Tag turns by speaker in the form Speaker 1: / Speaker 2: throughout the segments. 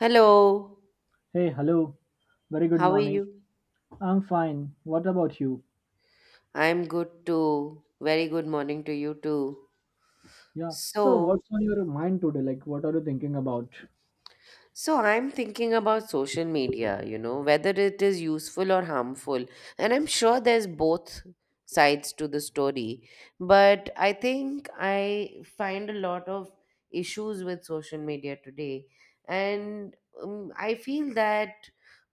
Speaker 1: Hello,
Speaker 2: Hey, hello. Very good
Speaker 1: how are
Speaker 2: morning.
Speaker 1: you?
Speaker 2: I'm fine. What about you?
Speaker 1: I'm good too. Very good morning to you too.
Speaker 2: Yeah. So,
Speaker 1: So,
Speaker 2: what's on your mind today? Like, what are you thinking about?
Speaker 1: So I'm thinking about social media, whether it is useful or harmful. And I'm sure there's both sides to the story. But I think I find a lot of issues with social media today. And I feel that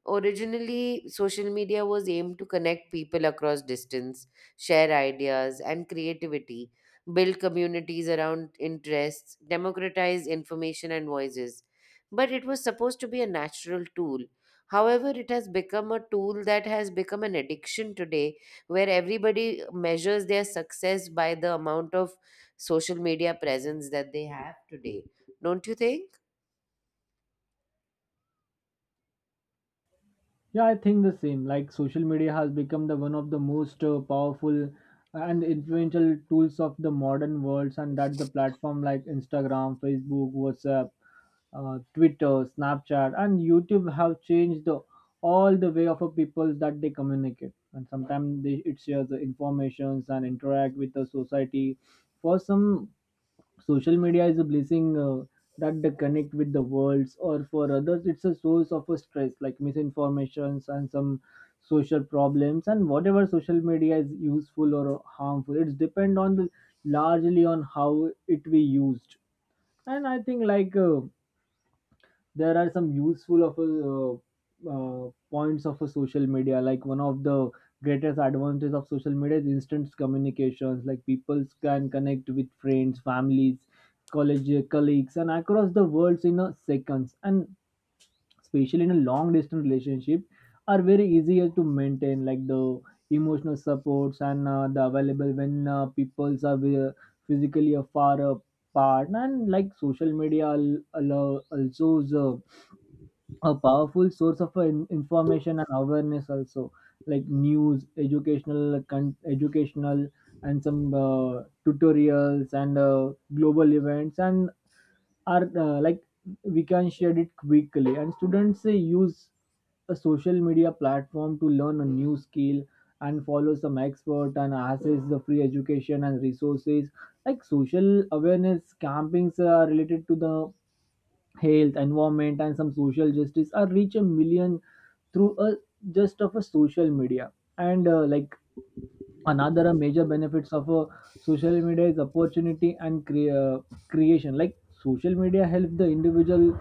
Speaker 1: originally social media was aimed to connect people across distance, share ideas and creativity, build communities around interests, democratize information and voices, but it was supposed to be a natural tool. However, it has become a tool that has become an addiction today, where everybody measures their success by the amount of social media presence that they have today. Don't you think?
Speaker 2: Yeah, I think the same. Like social media has become the one of the most powerful and influential tools of the modern world, and that the platform like Instagram, Facebook, WhatsApp, Twitter, Snapchat, and YouTube have changed the, all the way of a people that they communicate. And sometimes they, it shares the informations and interact with the society. For some social media is a blessing that they connect with the worlds, or for others it's a source of a stress like misinformations and some social problems, and whatever social media is useful or harmful, it's depend on the largely on how it be used. And I think like there are some useful uh, points of a social media. Like one of the greatest advantages of social media is instant communications. Like people can connect with friends, families, college colleagues and across the world in a seconds, and especially in a long distance relationship are very easier to maintain, like the emotional supports and the available when peoples are physically far apart. And like social media also a powerful source of information and awareness also, like news, educational educational and some tutorials and global events, and are like we can share it quickly. And students use a social media platform to learn a new skill and follow some expert and access the free education and resources. Like social awareness campings are related to the health, environment, and some social justice are reach a million through a just of a social media. And like another a major benefits of a social media is opportunity and creation. Like social media help the individual,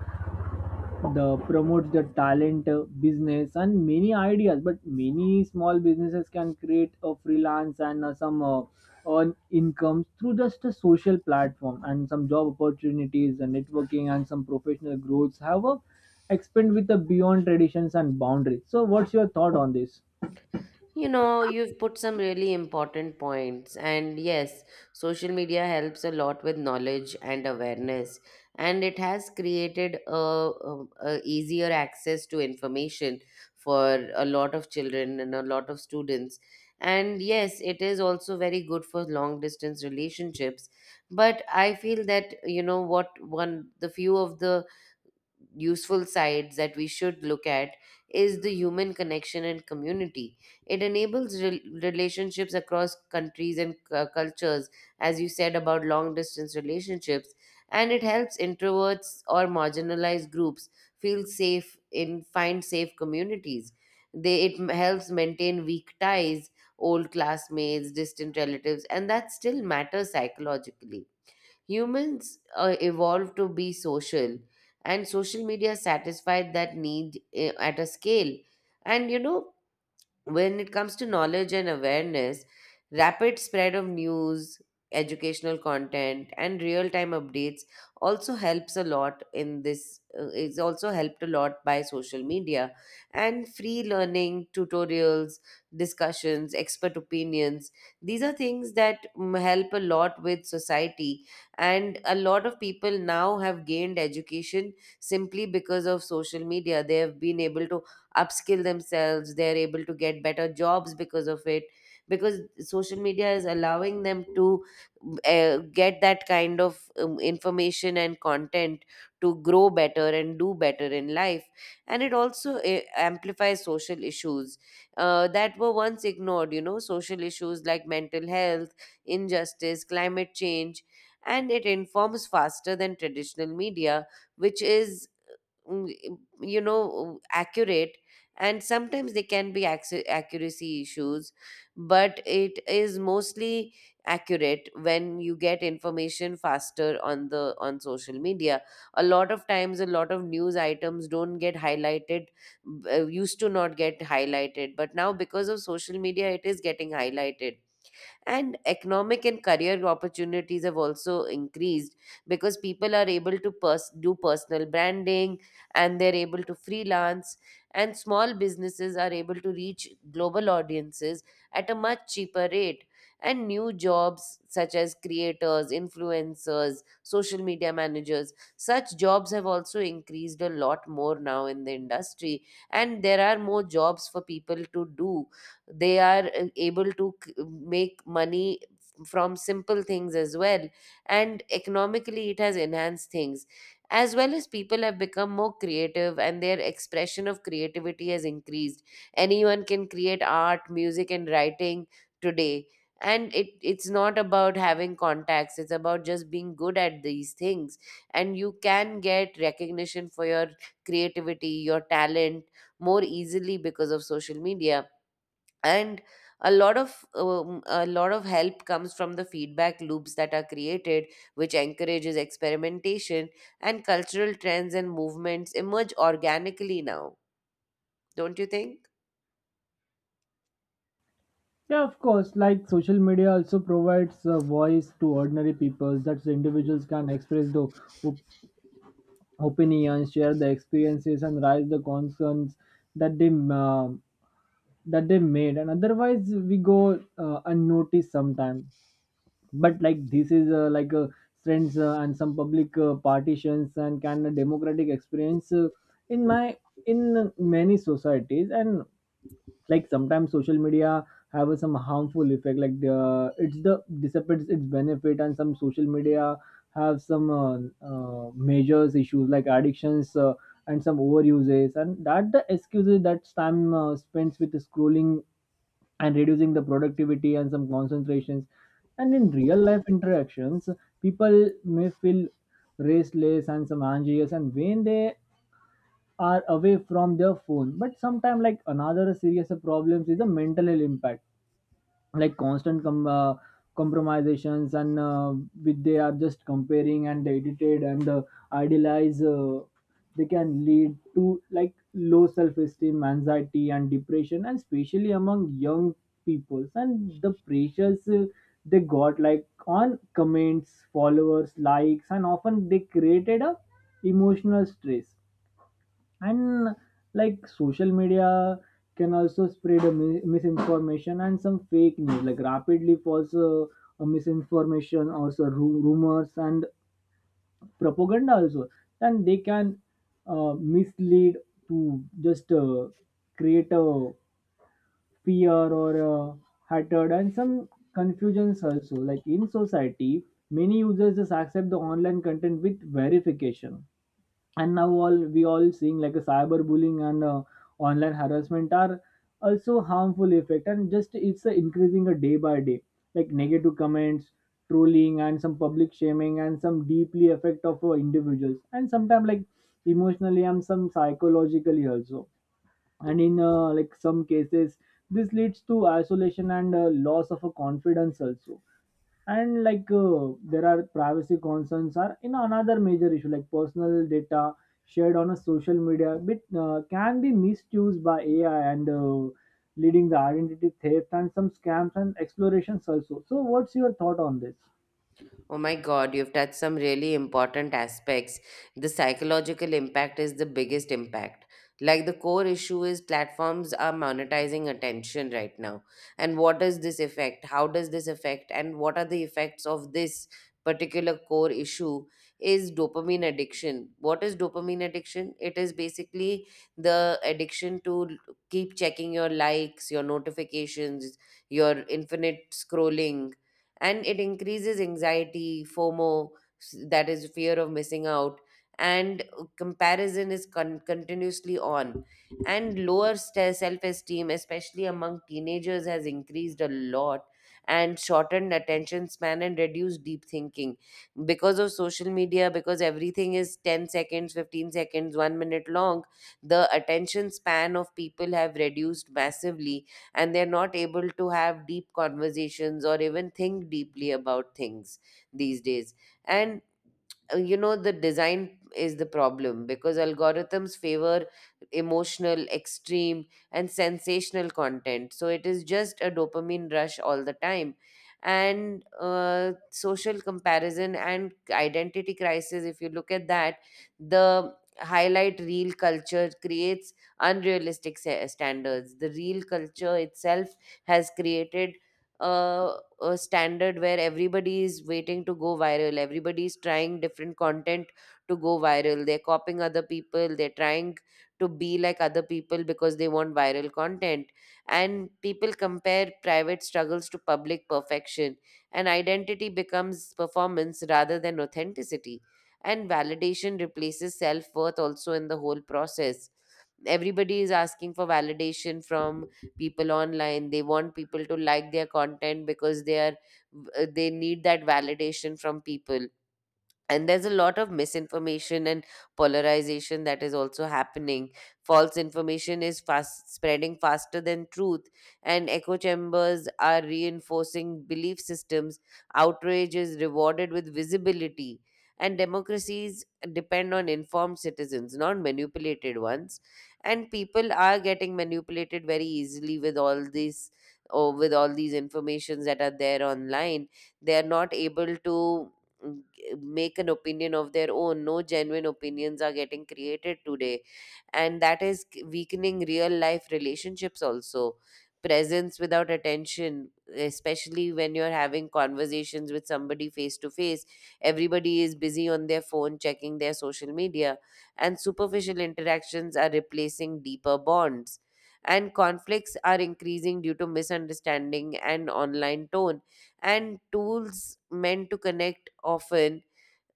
Speaker 2: the promotes the talent, business and many ideas. But many small businesses can create a freelance and some earn incomes through just a social platform, and some job opportunities and networking and some professional growths have a expand with the beyond traditions and boundaries. So what's your thought on this?
Speaker 1: You know, you've put some really important points. And yes, social media helps a lot with knowledge and awareness. And it has created a easier access to information for a lot of children and a lot of students. And yes, it is also very good for long distance relationships. But I feel that, the few of the useful sides that we should look at is the human connection and community. It enables relationships across countries and cultures, as you said about long distance relationships, and it helps introverts or marginalized groups feel safe in find safe communities. It helps maintain weak ties, old classmates, distant relatives, and that still matters psychologically. Humans evolved to be social, and social media satisfied that need at a scale. And you know, when it comes to knowledge and awareness, rapid spread of news, educational content, and real time updates also helps a lot in this, is also helped a lot by social media and free learning, tutorials, discussions, expert opinions. These are things that help a lot with society, and a lot of people now have gained education simply because of social media. They have been able to upskill themselves, they're able to get better jobs because of it, because social media is allowing them to get that kind of information and content to grow better and do better in life. And it also amplifies social issues that were once ignored. You know, social issues like mental health, injustice, climate change. And it informs faster than traditional media, which is accurate. And sometimes they can be accuracy issues, but it is mostly accurate. When you get information faster on social media, a lot of times a lot of news items don't get highlighted. Used to not get highlighted, but now because of social media it is getting highlighted. And economic and career opportunities have also increased because people are able to do personal branding, and they're able to freelance, and small businesses are able to reach global audiences at a much cheaper rate. And new jobs such as creators, influencers, social media managers, such jobs have also increased a lot more now in the industry, and there are more jobs for people to do. They are able to make money from simple things as well, and economically it has enhanced things, as well as people have become more creative, and their expression of creativity has increased. Anyone can create art, music and writing today. And it's not about having contacts, it's about just being good at these things. And you can get recognition for your creativity, your talent, more easily because of social media. And a lot of help comes from the feedback loops that are created, which encourages experimentation, and cultural trends and movements emerge organically now, don't you think?
Speaker 2: Yeah, of course. Like social media also provides a voice to ordinary people, that individuals can express the opinions, share the experiences, and raise the concerns that they uh, that they made. And otherwise, we go unnoticed sometimes. But like this is like a strengths and some public partitions and kind of democratic experience in my, in many societies. And like sometimes social media have a some harmful effect, like the it's the dissipates its benefit. And some social media have some measures issues like addictions, and some overuses, and that the excuses that time spends with scrolling and reducing the productivity and some concentrations and in real life interactions. People may feel restless and some anxious and when they are away from their phone. But sometimes like another serious problems is the mental health impact, like constant compromisations and with they are just comparing and edited and idealize. They can lead to like low self-esteem, anxiety and depression, and especially among young people. And the pressures they got like on comments, followers, likes, and often they created a emotional stress. And like social media can also spread a misinformation and some fake news, like rapidly false misinformation or so rumors and propaganda also. And they can mislead to just create a fear or hatred and some confusions also, like in society. Many users just accept the online content with verification. And now all we all seeing like a cyberbullying and online harassment are also harmful effect, and just it's increasing a day by day. Like negative comments, trolling and some public shaming, and some deeply affect of individuals, and sometimes like emotionally and some psychologically also. And in like some cases, this leads to isolation and loss of a confidence also. And like there are privacy concerns are in another major issue, like personal data shared on a social media bit can be misused by AI and leading the identity theft and some scams and explorations also. So what's your thought on this?
Speaker 1: Oh my God, you've touched some really important aspects. The psychological impact is the biggest impact. Like, the core issue is platforms are monetizing attention right now. And what does this affect? How does this affect? And what are the effects of this particular core issue? Is dopamine addiction. What is dopamine addiction? It is basically the addiction to keep checking your likes, your notifications, your infinite scrolling, and it increases anxiety, FOMO, that is fear of missing out, and comparison is continuously on. And lower self esteem, especially among teenagers, has increased a lot. And shortened attention span and reduced deep thinking because of social media, because everything is 10 seconds, 15 seconds, one minute long. The attention span of people have reduced massively, and they're not able to have deep conversations or even think deeply about things these days. And the design is the problem because algorithms favor emotional extreme and sensational content, so it is just a dopamine rush all the time. And social comparison and identity crisis, if you look at that, the highlight real culture creates unrealistic standards. The real culture itself has created uh, a standard where everybody is waiting to go viral, everybody is trying different content to go viral, they're copying other people, they're trying to be like other people because they want viral content. And people compare private struggles to public perfection, and identity becomes performance rather than authenticity, and validation replaces self-worth also. In the whole process, everybody is asking for validation from people online, they want people to like their content because they need that validation from people. And there's a lot of misinformation and polarization that is also happening. False information is fast spreading faster than truth, and echo chambers are reinforcing belief systems, outrage is rewarded with visibility, and democracies depend on informed citizens, not manipulated ones. And people are getting manipulated very easily with all these informations that are there online. They are not able to mm, make an opinion of their own. No genuine opinions are getting created today, and that is weakening real life relationships also. Presence without attention, especially when you're having conversations with somebody face to face, everybody is busy on their phone checking their social media. And superficial interactions are replacing deeper bonds, and conflicts are increasing due to misunderstanding and online tone. And tools meant to connect often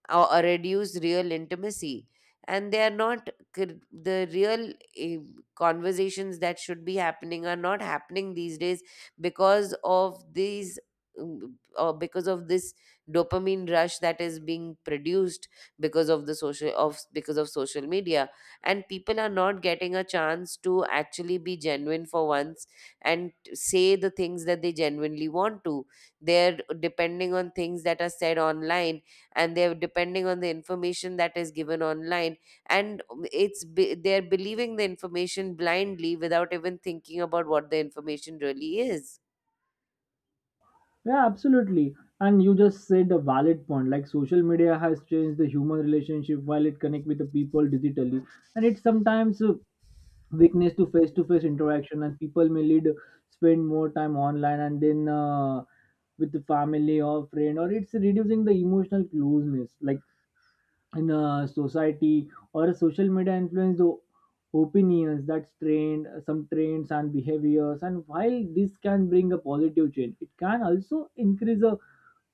Speaker 1: or reduce real intimacy. And they are not. The real conversations that should be happening are not happening these days because of these or because of this dopamine rush that is being produced because of social media. And people are not getting a chance to actually be genuine for once, and say the things that they genuinely want to. They're depending on things that are said online, and they're depending on the information that is given online, and they're believing the information blindly without even thinking about what the information really is.
Speaker 2: Yeah, absolutely. And you just said a valid point. Like social media has changed the human relationship, while it connect with the people digitally, and it sometimes weakness to face interaction. And people may lead spend more time online and then with the family or friend, or it's reducing the emotional closeness. Like in a society or a social media influence the opinions that's trained some trends and behaviors. And while this can bring a positive change, it can also increase the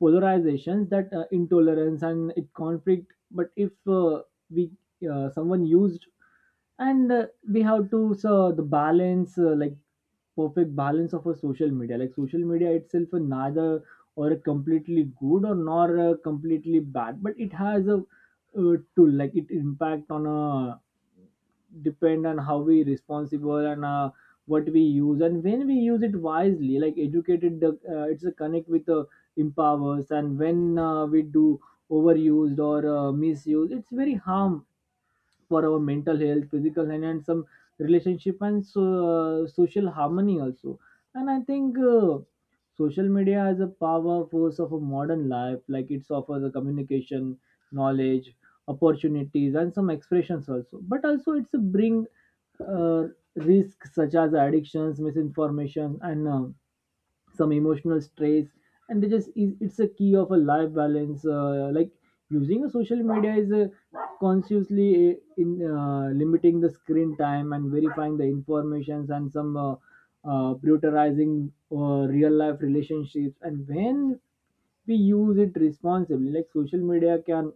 Speaker 2: polarizations that intolerance and it conflict. But if we someone used and we have to so the balance, like perfect balance of a social media. Like social media itself is neither or a completely good or nor a completely bad, but it has a tool, like it impact on a depend on how we responsible and what we use. And when we use it wisely, like educated the it's a connect with empowers. And when we do overused or misuse, it's very harm for our mental health, physical health, and some relationship, and so, social harmony also. And I think social media is a power force of a modern life. Like it offers a communication, knowledge, opportunities, and some expressions also. But also it's a bring uh, risks such as addictions, misinformation, and some emotional stress. And they just it's a key of a life balance, like using a social media is consciously in limiting the screen time and verifying the informations and some prioritizing real life relationships. And when we use it responsibly, like social media can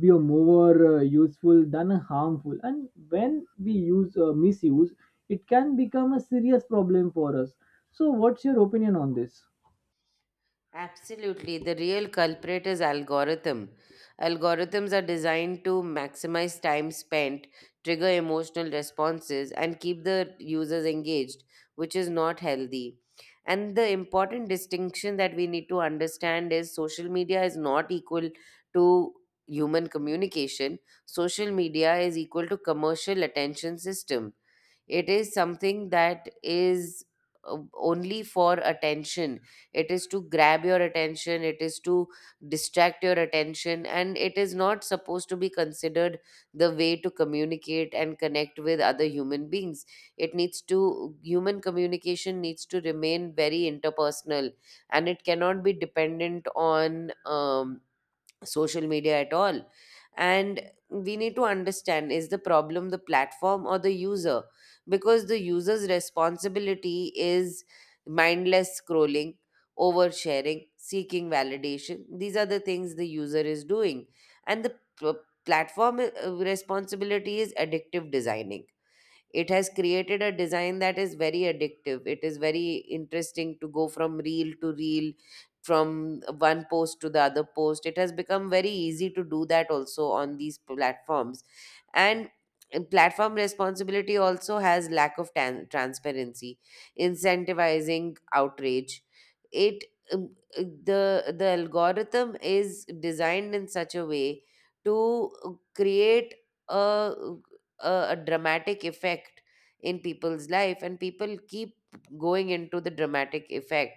Speaker 2: be a more useful than a harmful. And when we use misuse, it can become a serious problem for us. So what's your opinion on this?
Speaker 1: Absolutely. The real culprit is algorithm. Algorithms are designed to maximize time spent, trigger emotional responses, and keep the users engaged, which is not healthy. And the important distinction that we need to understand is social media is not equal to human communication. Social media is equal to commercial attention system. It is something that is only for attention. It is to grab your attention, it is to distract your attention, and it is not supposed to be considered the way to communicate and connect with other human beings. Human communication needs to remain very interpersonal, and it cannot be dependent on social media at all. And we need to understand, is the problem the platform or the user? Because the user's responsibility is mindless scrolling, oversharing, seeking validation, these are the things the user is doing. And the platform responsibility is addictive designing. It has created a design that is very addictive, it is very interesting to go from reel to reel, from one post to the other post. It has become very easy to do that also on these platforms. And platform responsibility also has lack of transparency, incentivizing outrage. It um, uh, the the algorithm is designed in such a way to create a a dramatic effect in people's life, and people keep going into the dramatic effect.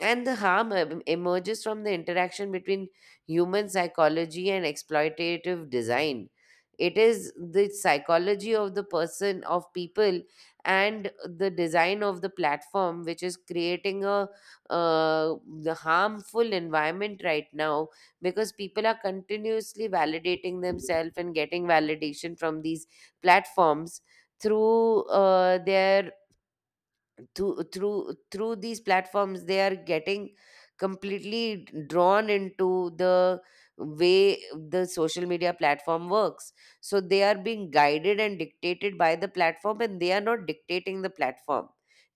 Speaker 1: And the harm emerges from the interaction between human psychology and exploitative design. It is the psychology of the person, of people, and the design of the platform, which is creating a uh, the harmful environment right now because people are continuously validating themselves and getting validation from these platforms through uh, their through these platforms. They are getting completely drawn into the way the social media platform works, so they are being guided and dictated by the platform and they are not dictating the platform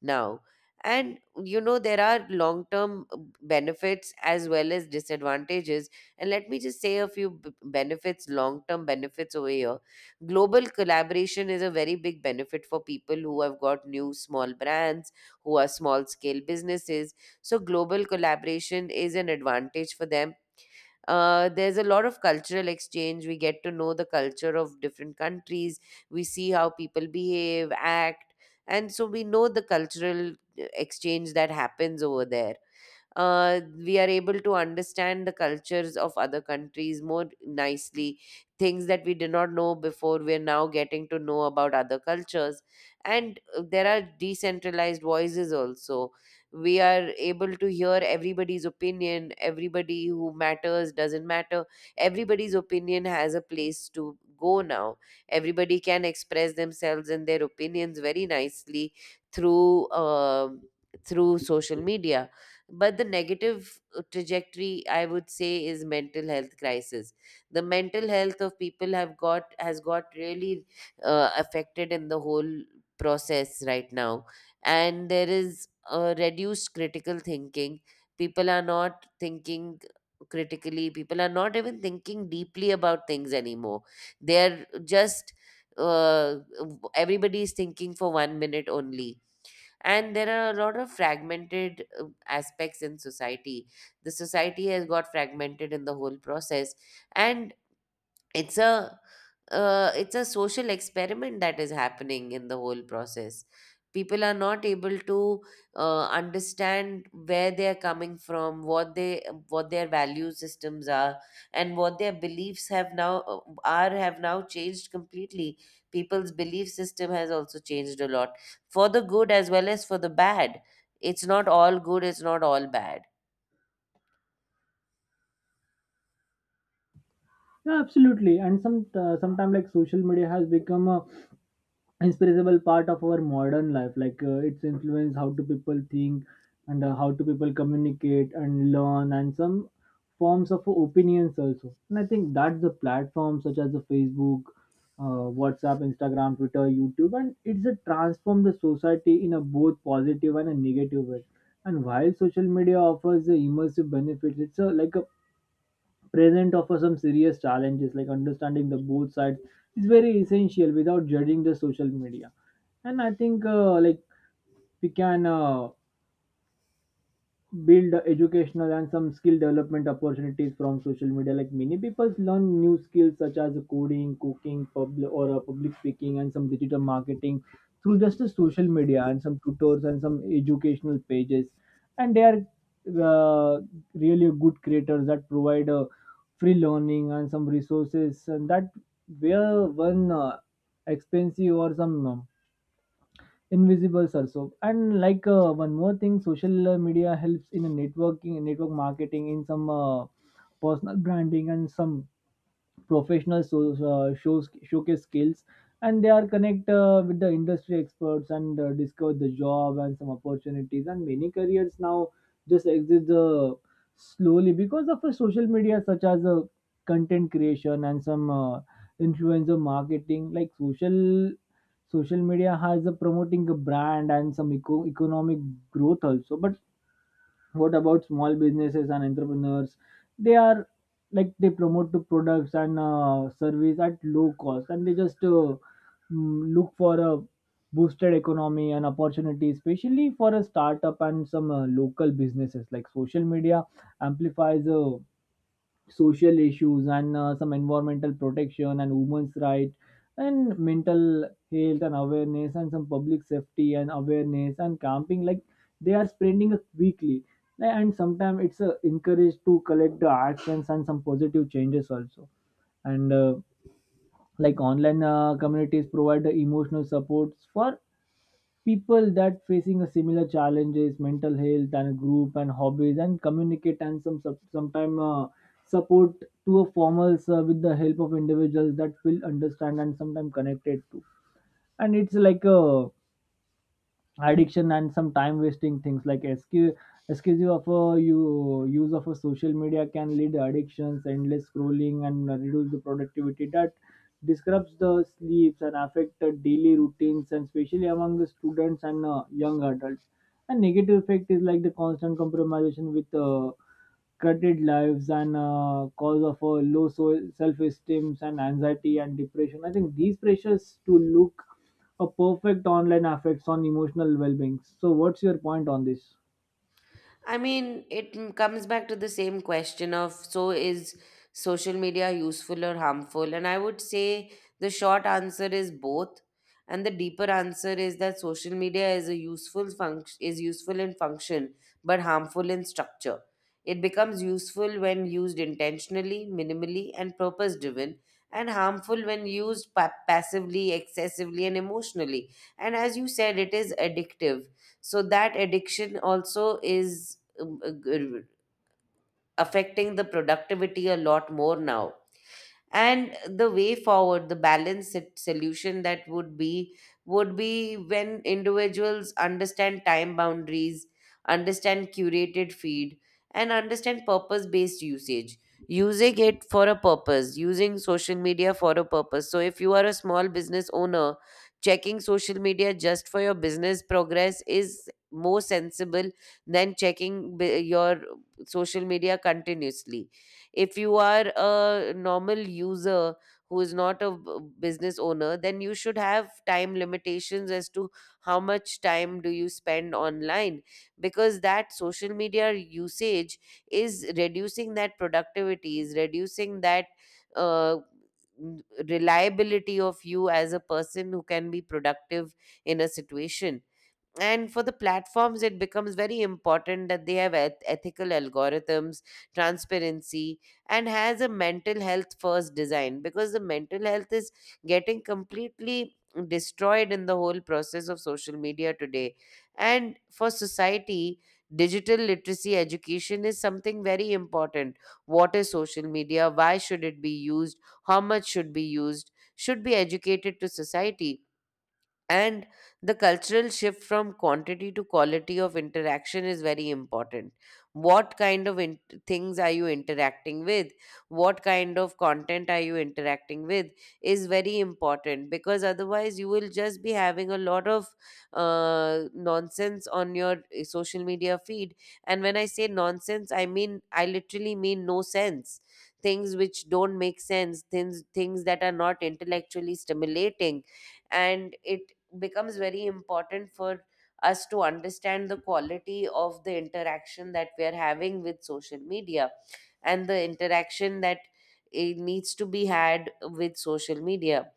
Speaker 1: now. And you know there are long term benefits as well as disadvantages, and let me just say a few benefits, long term benefits over here. Global collaboration is a very big benefit for people who have got new small brands, who are small scale businesses, so global collaboration is an advantage for them. There's a lot of cultural exchange. We get to know the culture of different countries, we see how people behave, act, and so we know the cultural exchange that happens over there. We are able to understand the cultures of other countries more nicely. Things that we did not know before, we're now getting to know about other cultures. And there are decentralized voices also. We are able to hear everybody's opinion, everybody who matters, doesn't matter, everybody's opinion has a place to go now. Everybody can express themselves and their opinions very nicely through um through social media. But the negative trajectory, I would say, is mental health crisis. The mental health of people have got has got really affected in the whole process right now. And there is a reduced critical thinking. People are not thinking critically, people are not even thinking deeply about things anymore. They're just uh, everybody is thinking for 1 minute only. And there are a lot of fragmented aspects in society. The society has got fragmented in the whole process. And it's a it's a social experiment that is happening in the whole process. People are not able to understand where they are coming from, what they what their value systems are, and what their beliefs have now changed completely. People's belief system has also changed a lot, for the good as well as for the bad. It's not all good, it's not all bad.
Speaker 2: Yeah, absolutely. And some sometime like social media has become a inseparable part of our modern life. Like it's influence how do people think and how do people communicate and learn and some forms of opinions also. And I think that's the platform such as the Facebook, WhatsApp, Instagram, Twitter, YouTube, and it's a transform the society in a both positive and a negative way. And while social media offers the immersive benefits, it's a, like a present offer some serious challenges. Like understanding the both sides is very essential without judging the social media. And I think like we can build educational and some skill development opportunities from social media. Like many people learn new skills such as coding, cooking, public or public speaking and some digital marketing through just the social media and some tutors and some educational pages. And they are uh, really good creators that provide free learning and some resources, and that where one expensive or some invisibles also. And like one more thing, social media helps in a networking, network marketing in some personal branding and some professional so, shows showcase skills, and they are connect with the industry experts and discover the job and some opportunities. And many careers now just exist slowly because of the social media, such as content creation and some influencer marketing. Like social media has a promoting a brand and some economic growth also. But what about small businesses and entrepreneurs? They are like they promote the products and service at low cost, and they just look for a boosted economy and opportunity, especially for a startup and some local businesses. Like social media amplifies social issues and some environmental protection and women's rights and mental health and awareness and some public safety and awareness and camping, like they are spreading it weekly. Like, and sometimes it's encouraged to collect the actions and some positive changes also. And like online communities provide the emotional supports for people that facing a similar challenges, mental health and group and hobbies and communicate, and some sometime support to a formals with the help of individuals that feel understand and sometimes connected to. And it's like a addiction and some time wasting things, like excessive of a you use of a social media can lead addictions, endless scrolling and reduce the productivity that disrupts the sleeps and affect the daily routines, and especially among the students and young adults. And negative effect is like the constant compromisation with cutted lives and cause of a low self-esteem and anxiety and depression. I think these pressures to look a perfect online affects on emotional well-being. So, what's your point on this?
Speaker 1: Comes back to the same question of, so, is social media useful or harmful? And I would say the short answer is both. And the deeper answer is that social media is a useful function is useful in function but harmful in structure. It becomes useful when used intentionally, minimally, and purpose driven, and harmful when used passively, excessively, and emotionally. And as you said, it is addictive, so that addiction also is affecting the productivity a lot more now. And the way forward, the balanced solution that would be when individuals understand time boundaries, understand curated feed, and understand purpose based usage. Using it for a purpose, using social media for a purpose. So if you are a small business owner, checking social media just for your business progress is more sensible than checking your social media continuously. If you are a normal user who is not a business owner, then you should have time limitations as to how much time do you spend online, because that social media usage is reducing that productivity, is reducing that Uh, n- reliability of you as a person who can be productive in a situation. And for the platforms, it becomes very important that they have ethical algorithms, transparency, and has a mental health first design, because the mental health is getting completely destroyed in the whole process of social media today. And for society, digital literacy education is something very important. What is social media, why should it be used, how much should be used, should be educated to society. And the cultural shift from quantity to quality of interaction is very important. What kind of things are you interacting with, what kind of content are you interacting with, is very important, because otherwise you will just be having a lot of nonsense on your social media feed. And when I say nonsense, I mean I literally mean no sense, things which don't make sense, things that are not intellectually stimulating. And it becomes very important for us to understand the quality of the interaction that we are having with social media, and the interaction that it needs to be had with social media.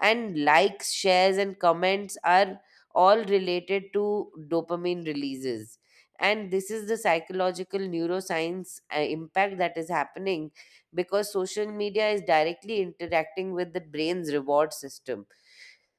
Speaker 1: And likes, shares and comments are all related to dopamine releases, and this is the psychological neuroscience impact that is happening, because social media is directly interacting with the brain's reward system.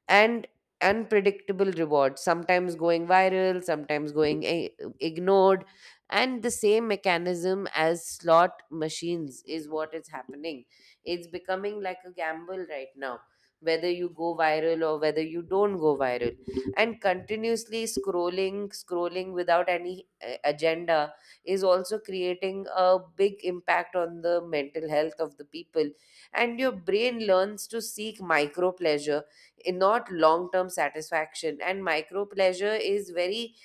Speaker 1: And unpredictable rewards, sometimes going viral, sometimes going ignored, and the same mechanism as slot machines is what is happening. It's becoming like a gamble right now, whether you go viral or whether you don't go viral. And continuously scrolling without any agenda is also creating a big impact on the mental health of the people. And your brain learns to seek micro pleasure, not long term satisfaction. And micro pleasure is very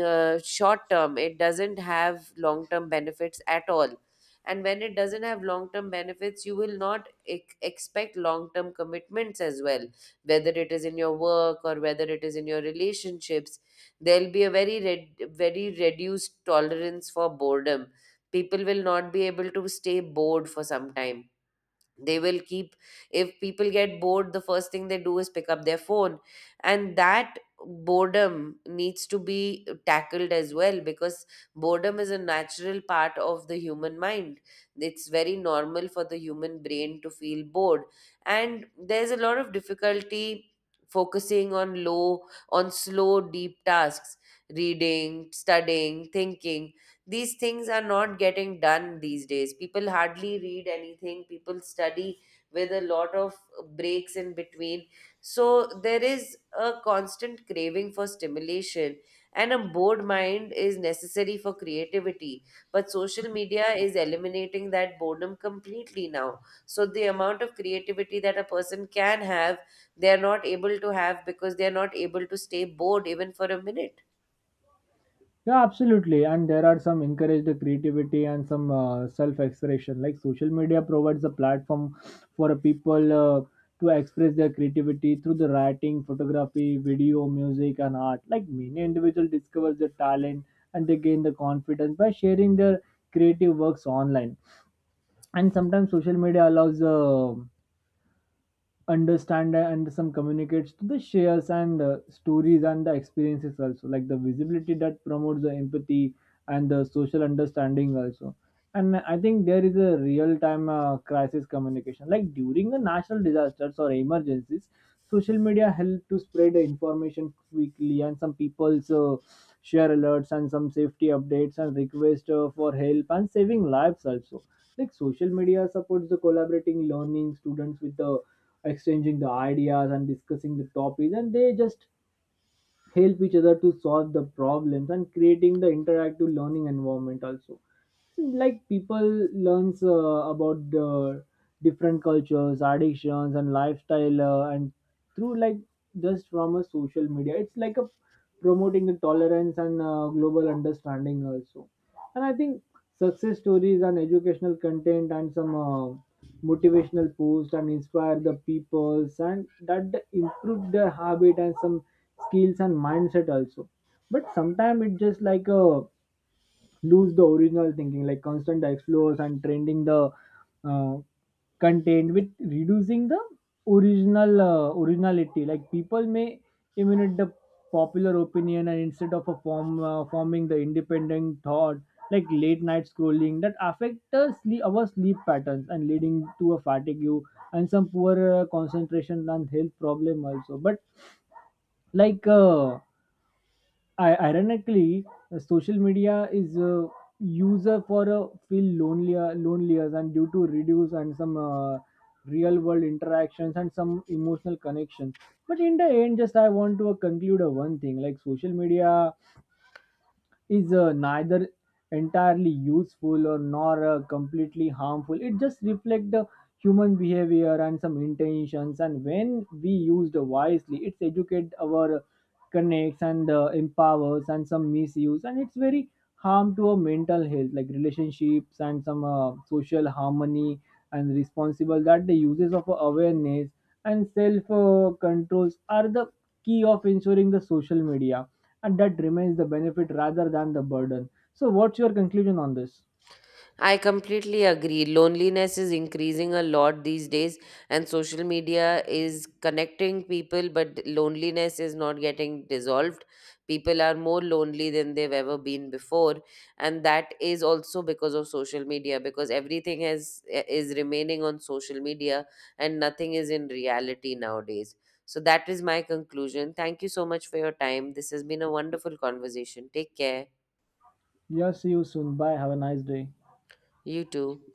Speaker 1: short term, it doesn't have long term benefits at all. And when it doesn't have long term benefits, you will not expect long term commitments as well, whether it is in your work or whether it is in your relationships. There'll be a very reduced tolerance for boredom. People will not be able to stay bored for some time. They will keep, if people get bored the first thing they do is pick up their phone, and that boredom needs to be tackled as well, because boredom is a natural part of the human mind. It's very normal for the human brain to feel bored. And there's a lot of difficulty focusing on low on slow deep tasks, reading, studying, thinking. These things are not getting done these days. People hardly read anything, people study with a lot of breaks in between. So there is a constant craving for stimulation, and a bored mind is necessary for creativity, but social media is eliminating that boredom completely now. So the amount of creativity that a person can have, they are not able to have, because they are not able to stay bored even for a minute.
Speaker 2: Yeah, absolutely. And there are some encourage the creativity and some self expression. Like social media provides a platform for a people to express their creativity through the writing, photography, video, music, and art. Like many individuals discovers their talent and they gain the confidence by sharing their creative works online. And sometimes social media allows understand and some communicates to the shares and stories and the experiences also, like the visibility that promotes the empathy and the social understanding also. And I think there is a real time crisis communication, like during the national disasters or emergencies, social media help to spread the information quickly, and some people share alerts and some safety updates and request for help and saving lives also. Like social media supports the collaborating learning, students with the exchanging the ideas and discussing the topics, and they just help each other to solve the problems and creating the interactive learning environment also. Like people learns about the different cultures, addictions and lifestyle and through like just from a social media, it's like a promoting the tolerance and global understanding also. And I think success stories and educational content and some motivational posts and inspire the peoples, and that improve their habit and some skills and mindset also. But sometimes it just like a lose the original thinking, like constant explores and trending the uh, content with reducing the original originality. Like people may emulate the popular opinion and instead of a forming the independent thought. Like late night scrolling that affect the sleep, our sleep patterns and leading to a fatigue and some poor concentration and health problem also. But like I, ironically, social media is user for feel lonelier, and due to reduce and some real world interactions and some emotional connections. But in the end, just I want to conclude one thing, like social media is neither entirely useful or nor completely harmful. It just reflects the human behavior and some intentions. And when we used wisely, it's educate our connects and empowers, and some misuse, and it's very harm to our mental health, like relationships and some social harmony. And responsible that the uses of awareness and self controls are the key of ensuring the social media and that remains the benefit rather than the burden. So, what's your conclusion on this?
Speaker 1: I completely agree. Loneliness is increasing a lot these days, and social media is connecting people, but loneliness is not getting dissolved. People are more lonely than they've ever been before, and that is also because of social media, because everything is remaining on social media and nothing is in reality nowadays. So that is my conclusion. Thank you so much for your time. This has been a wonderful conversation. Take care.
Speaker 2: Yeah, see you soon. Bye. Have a nice day.
Speaker 1: You too.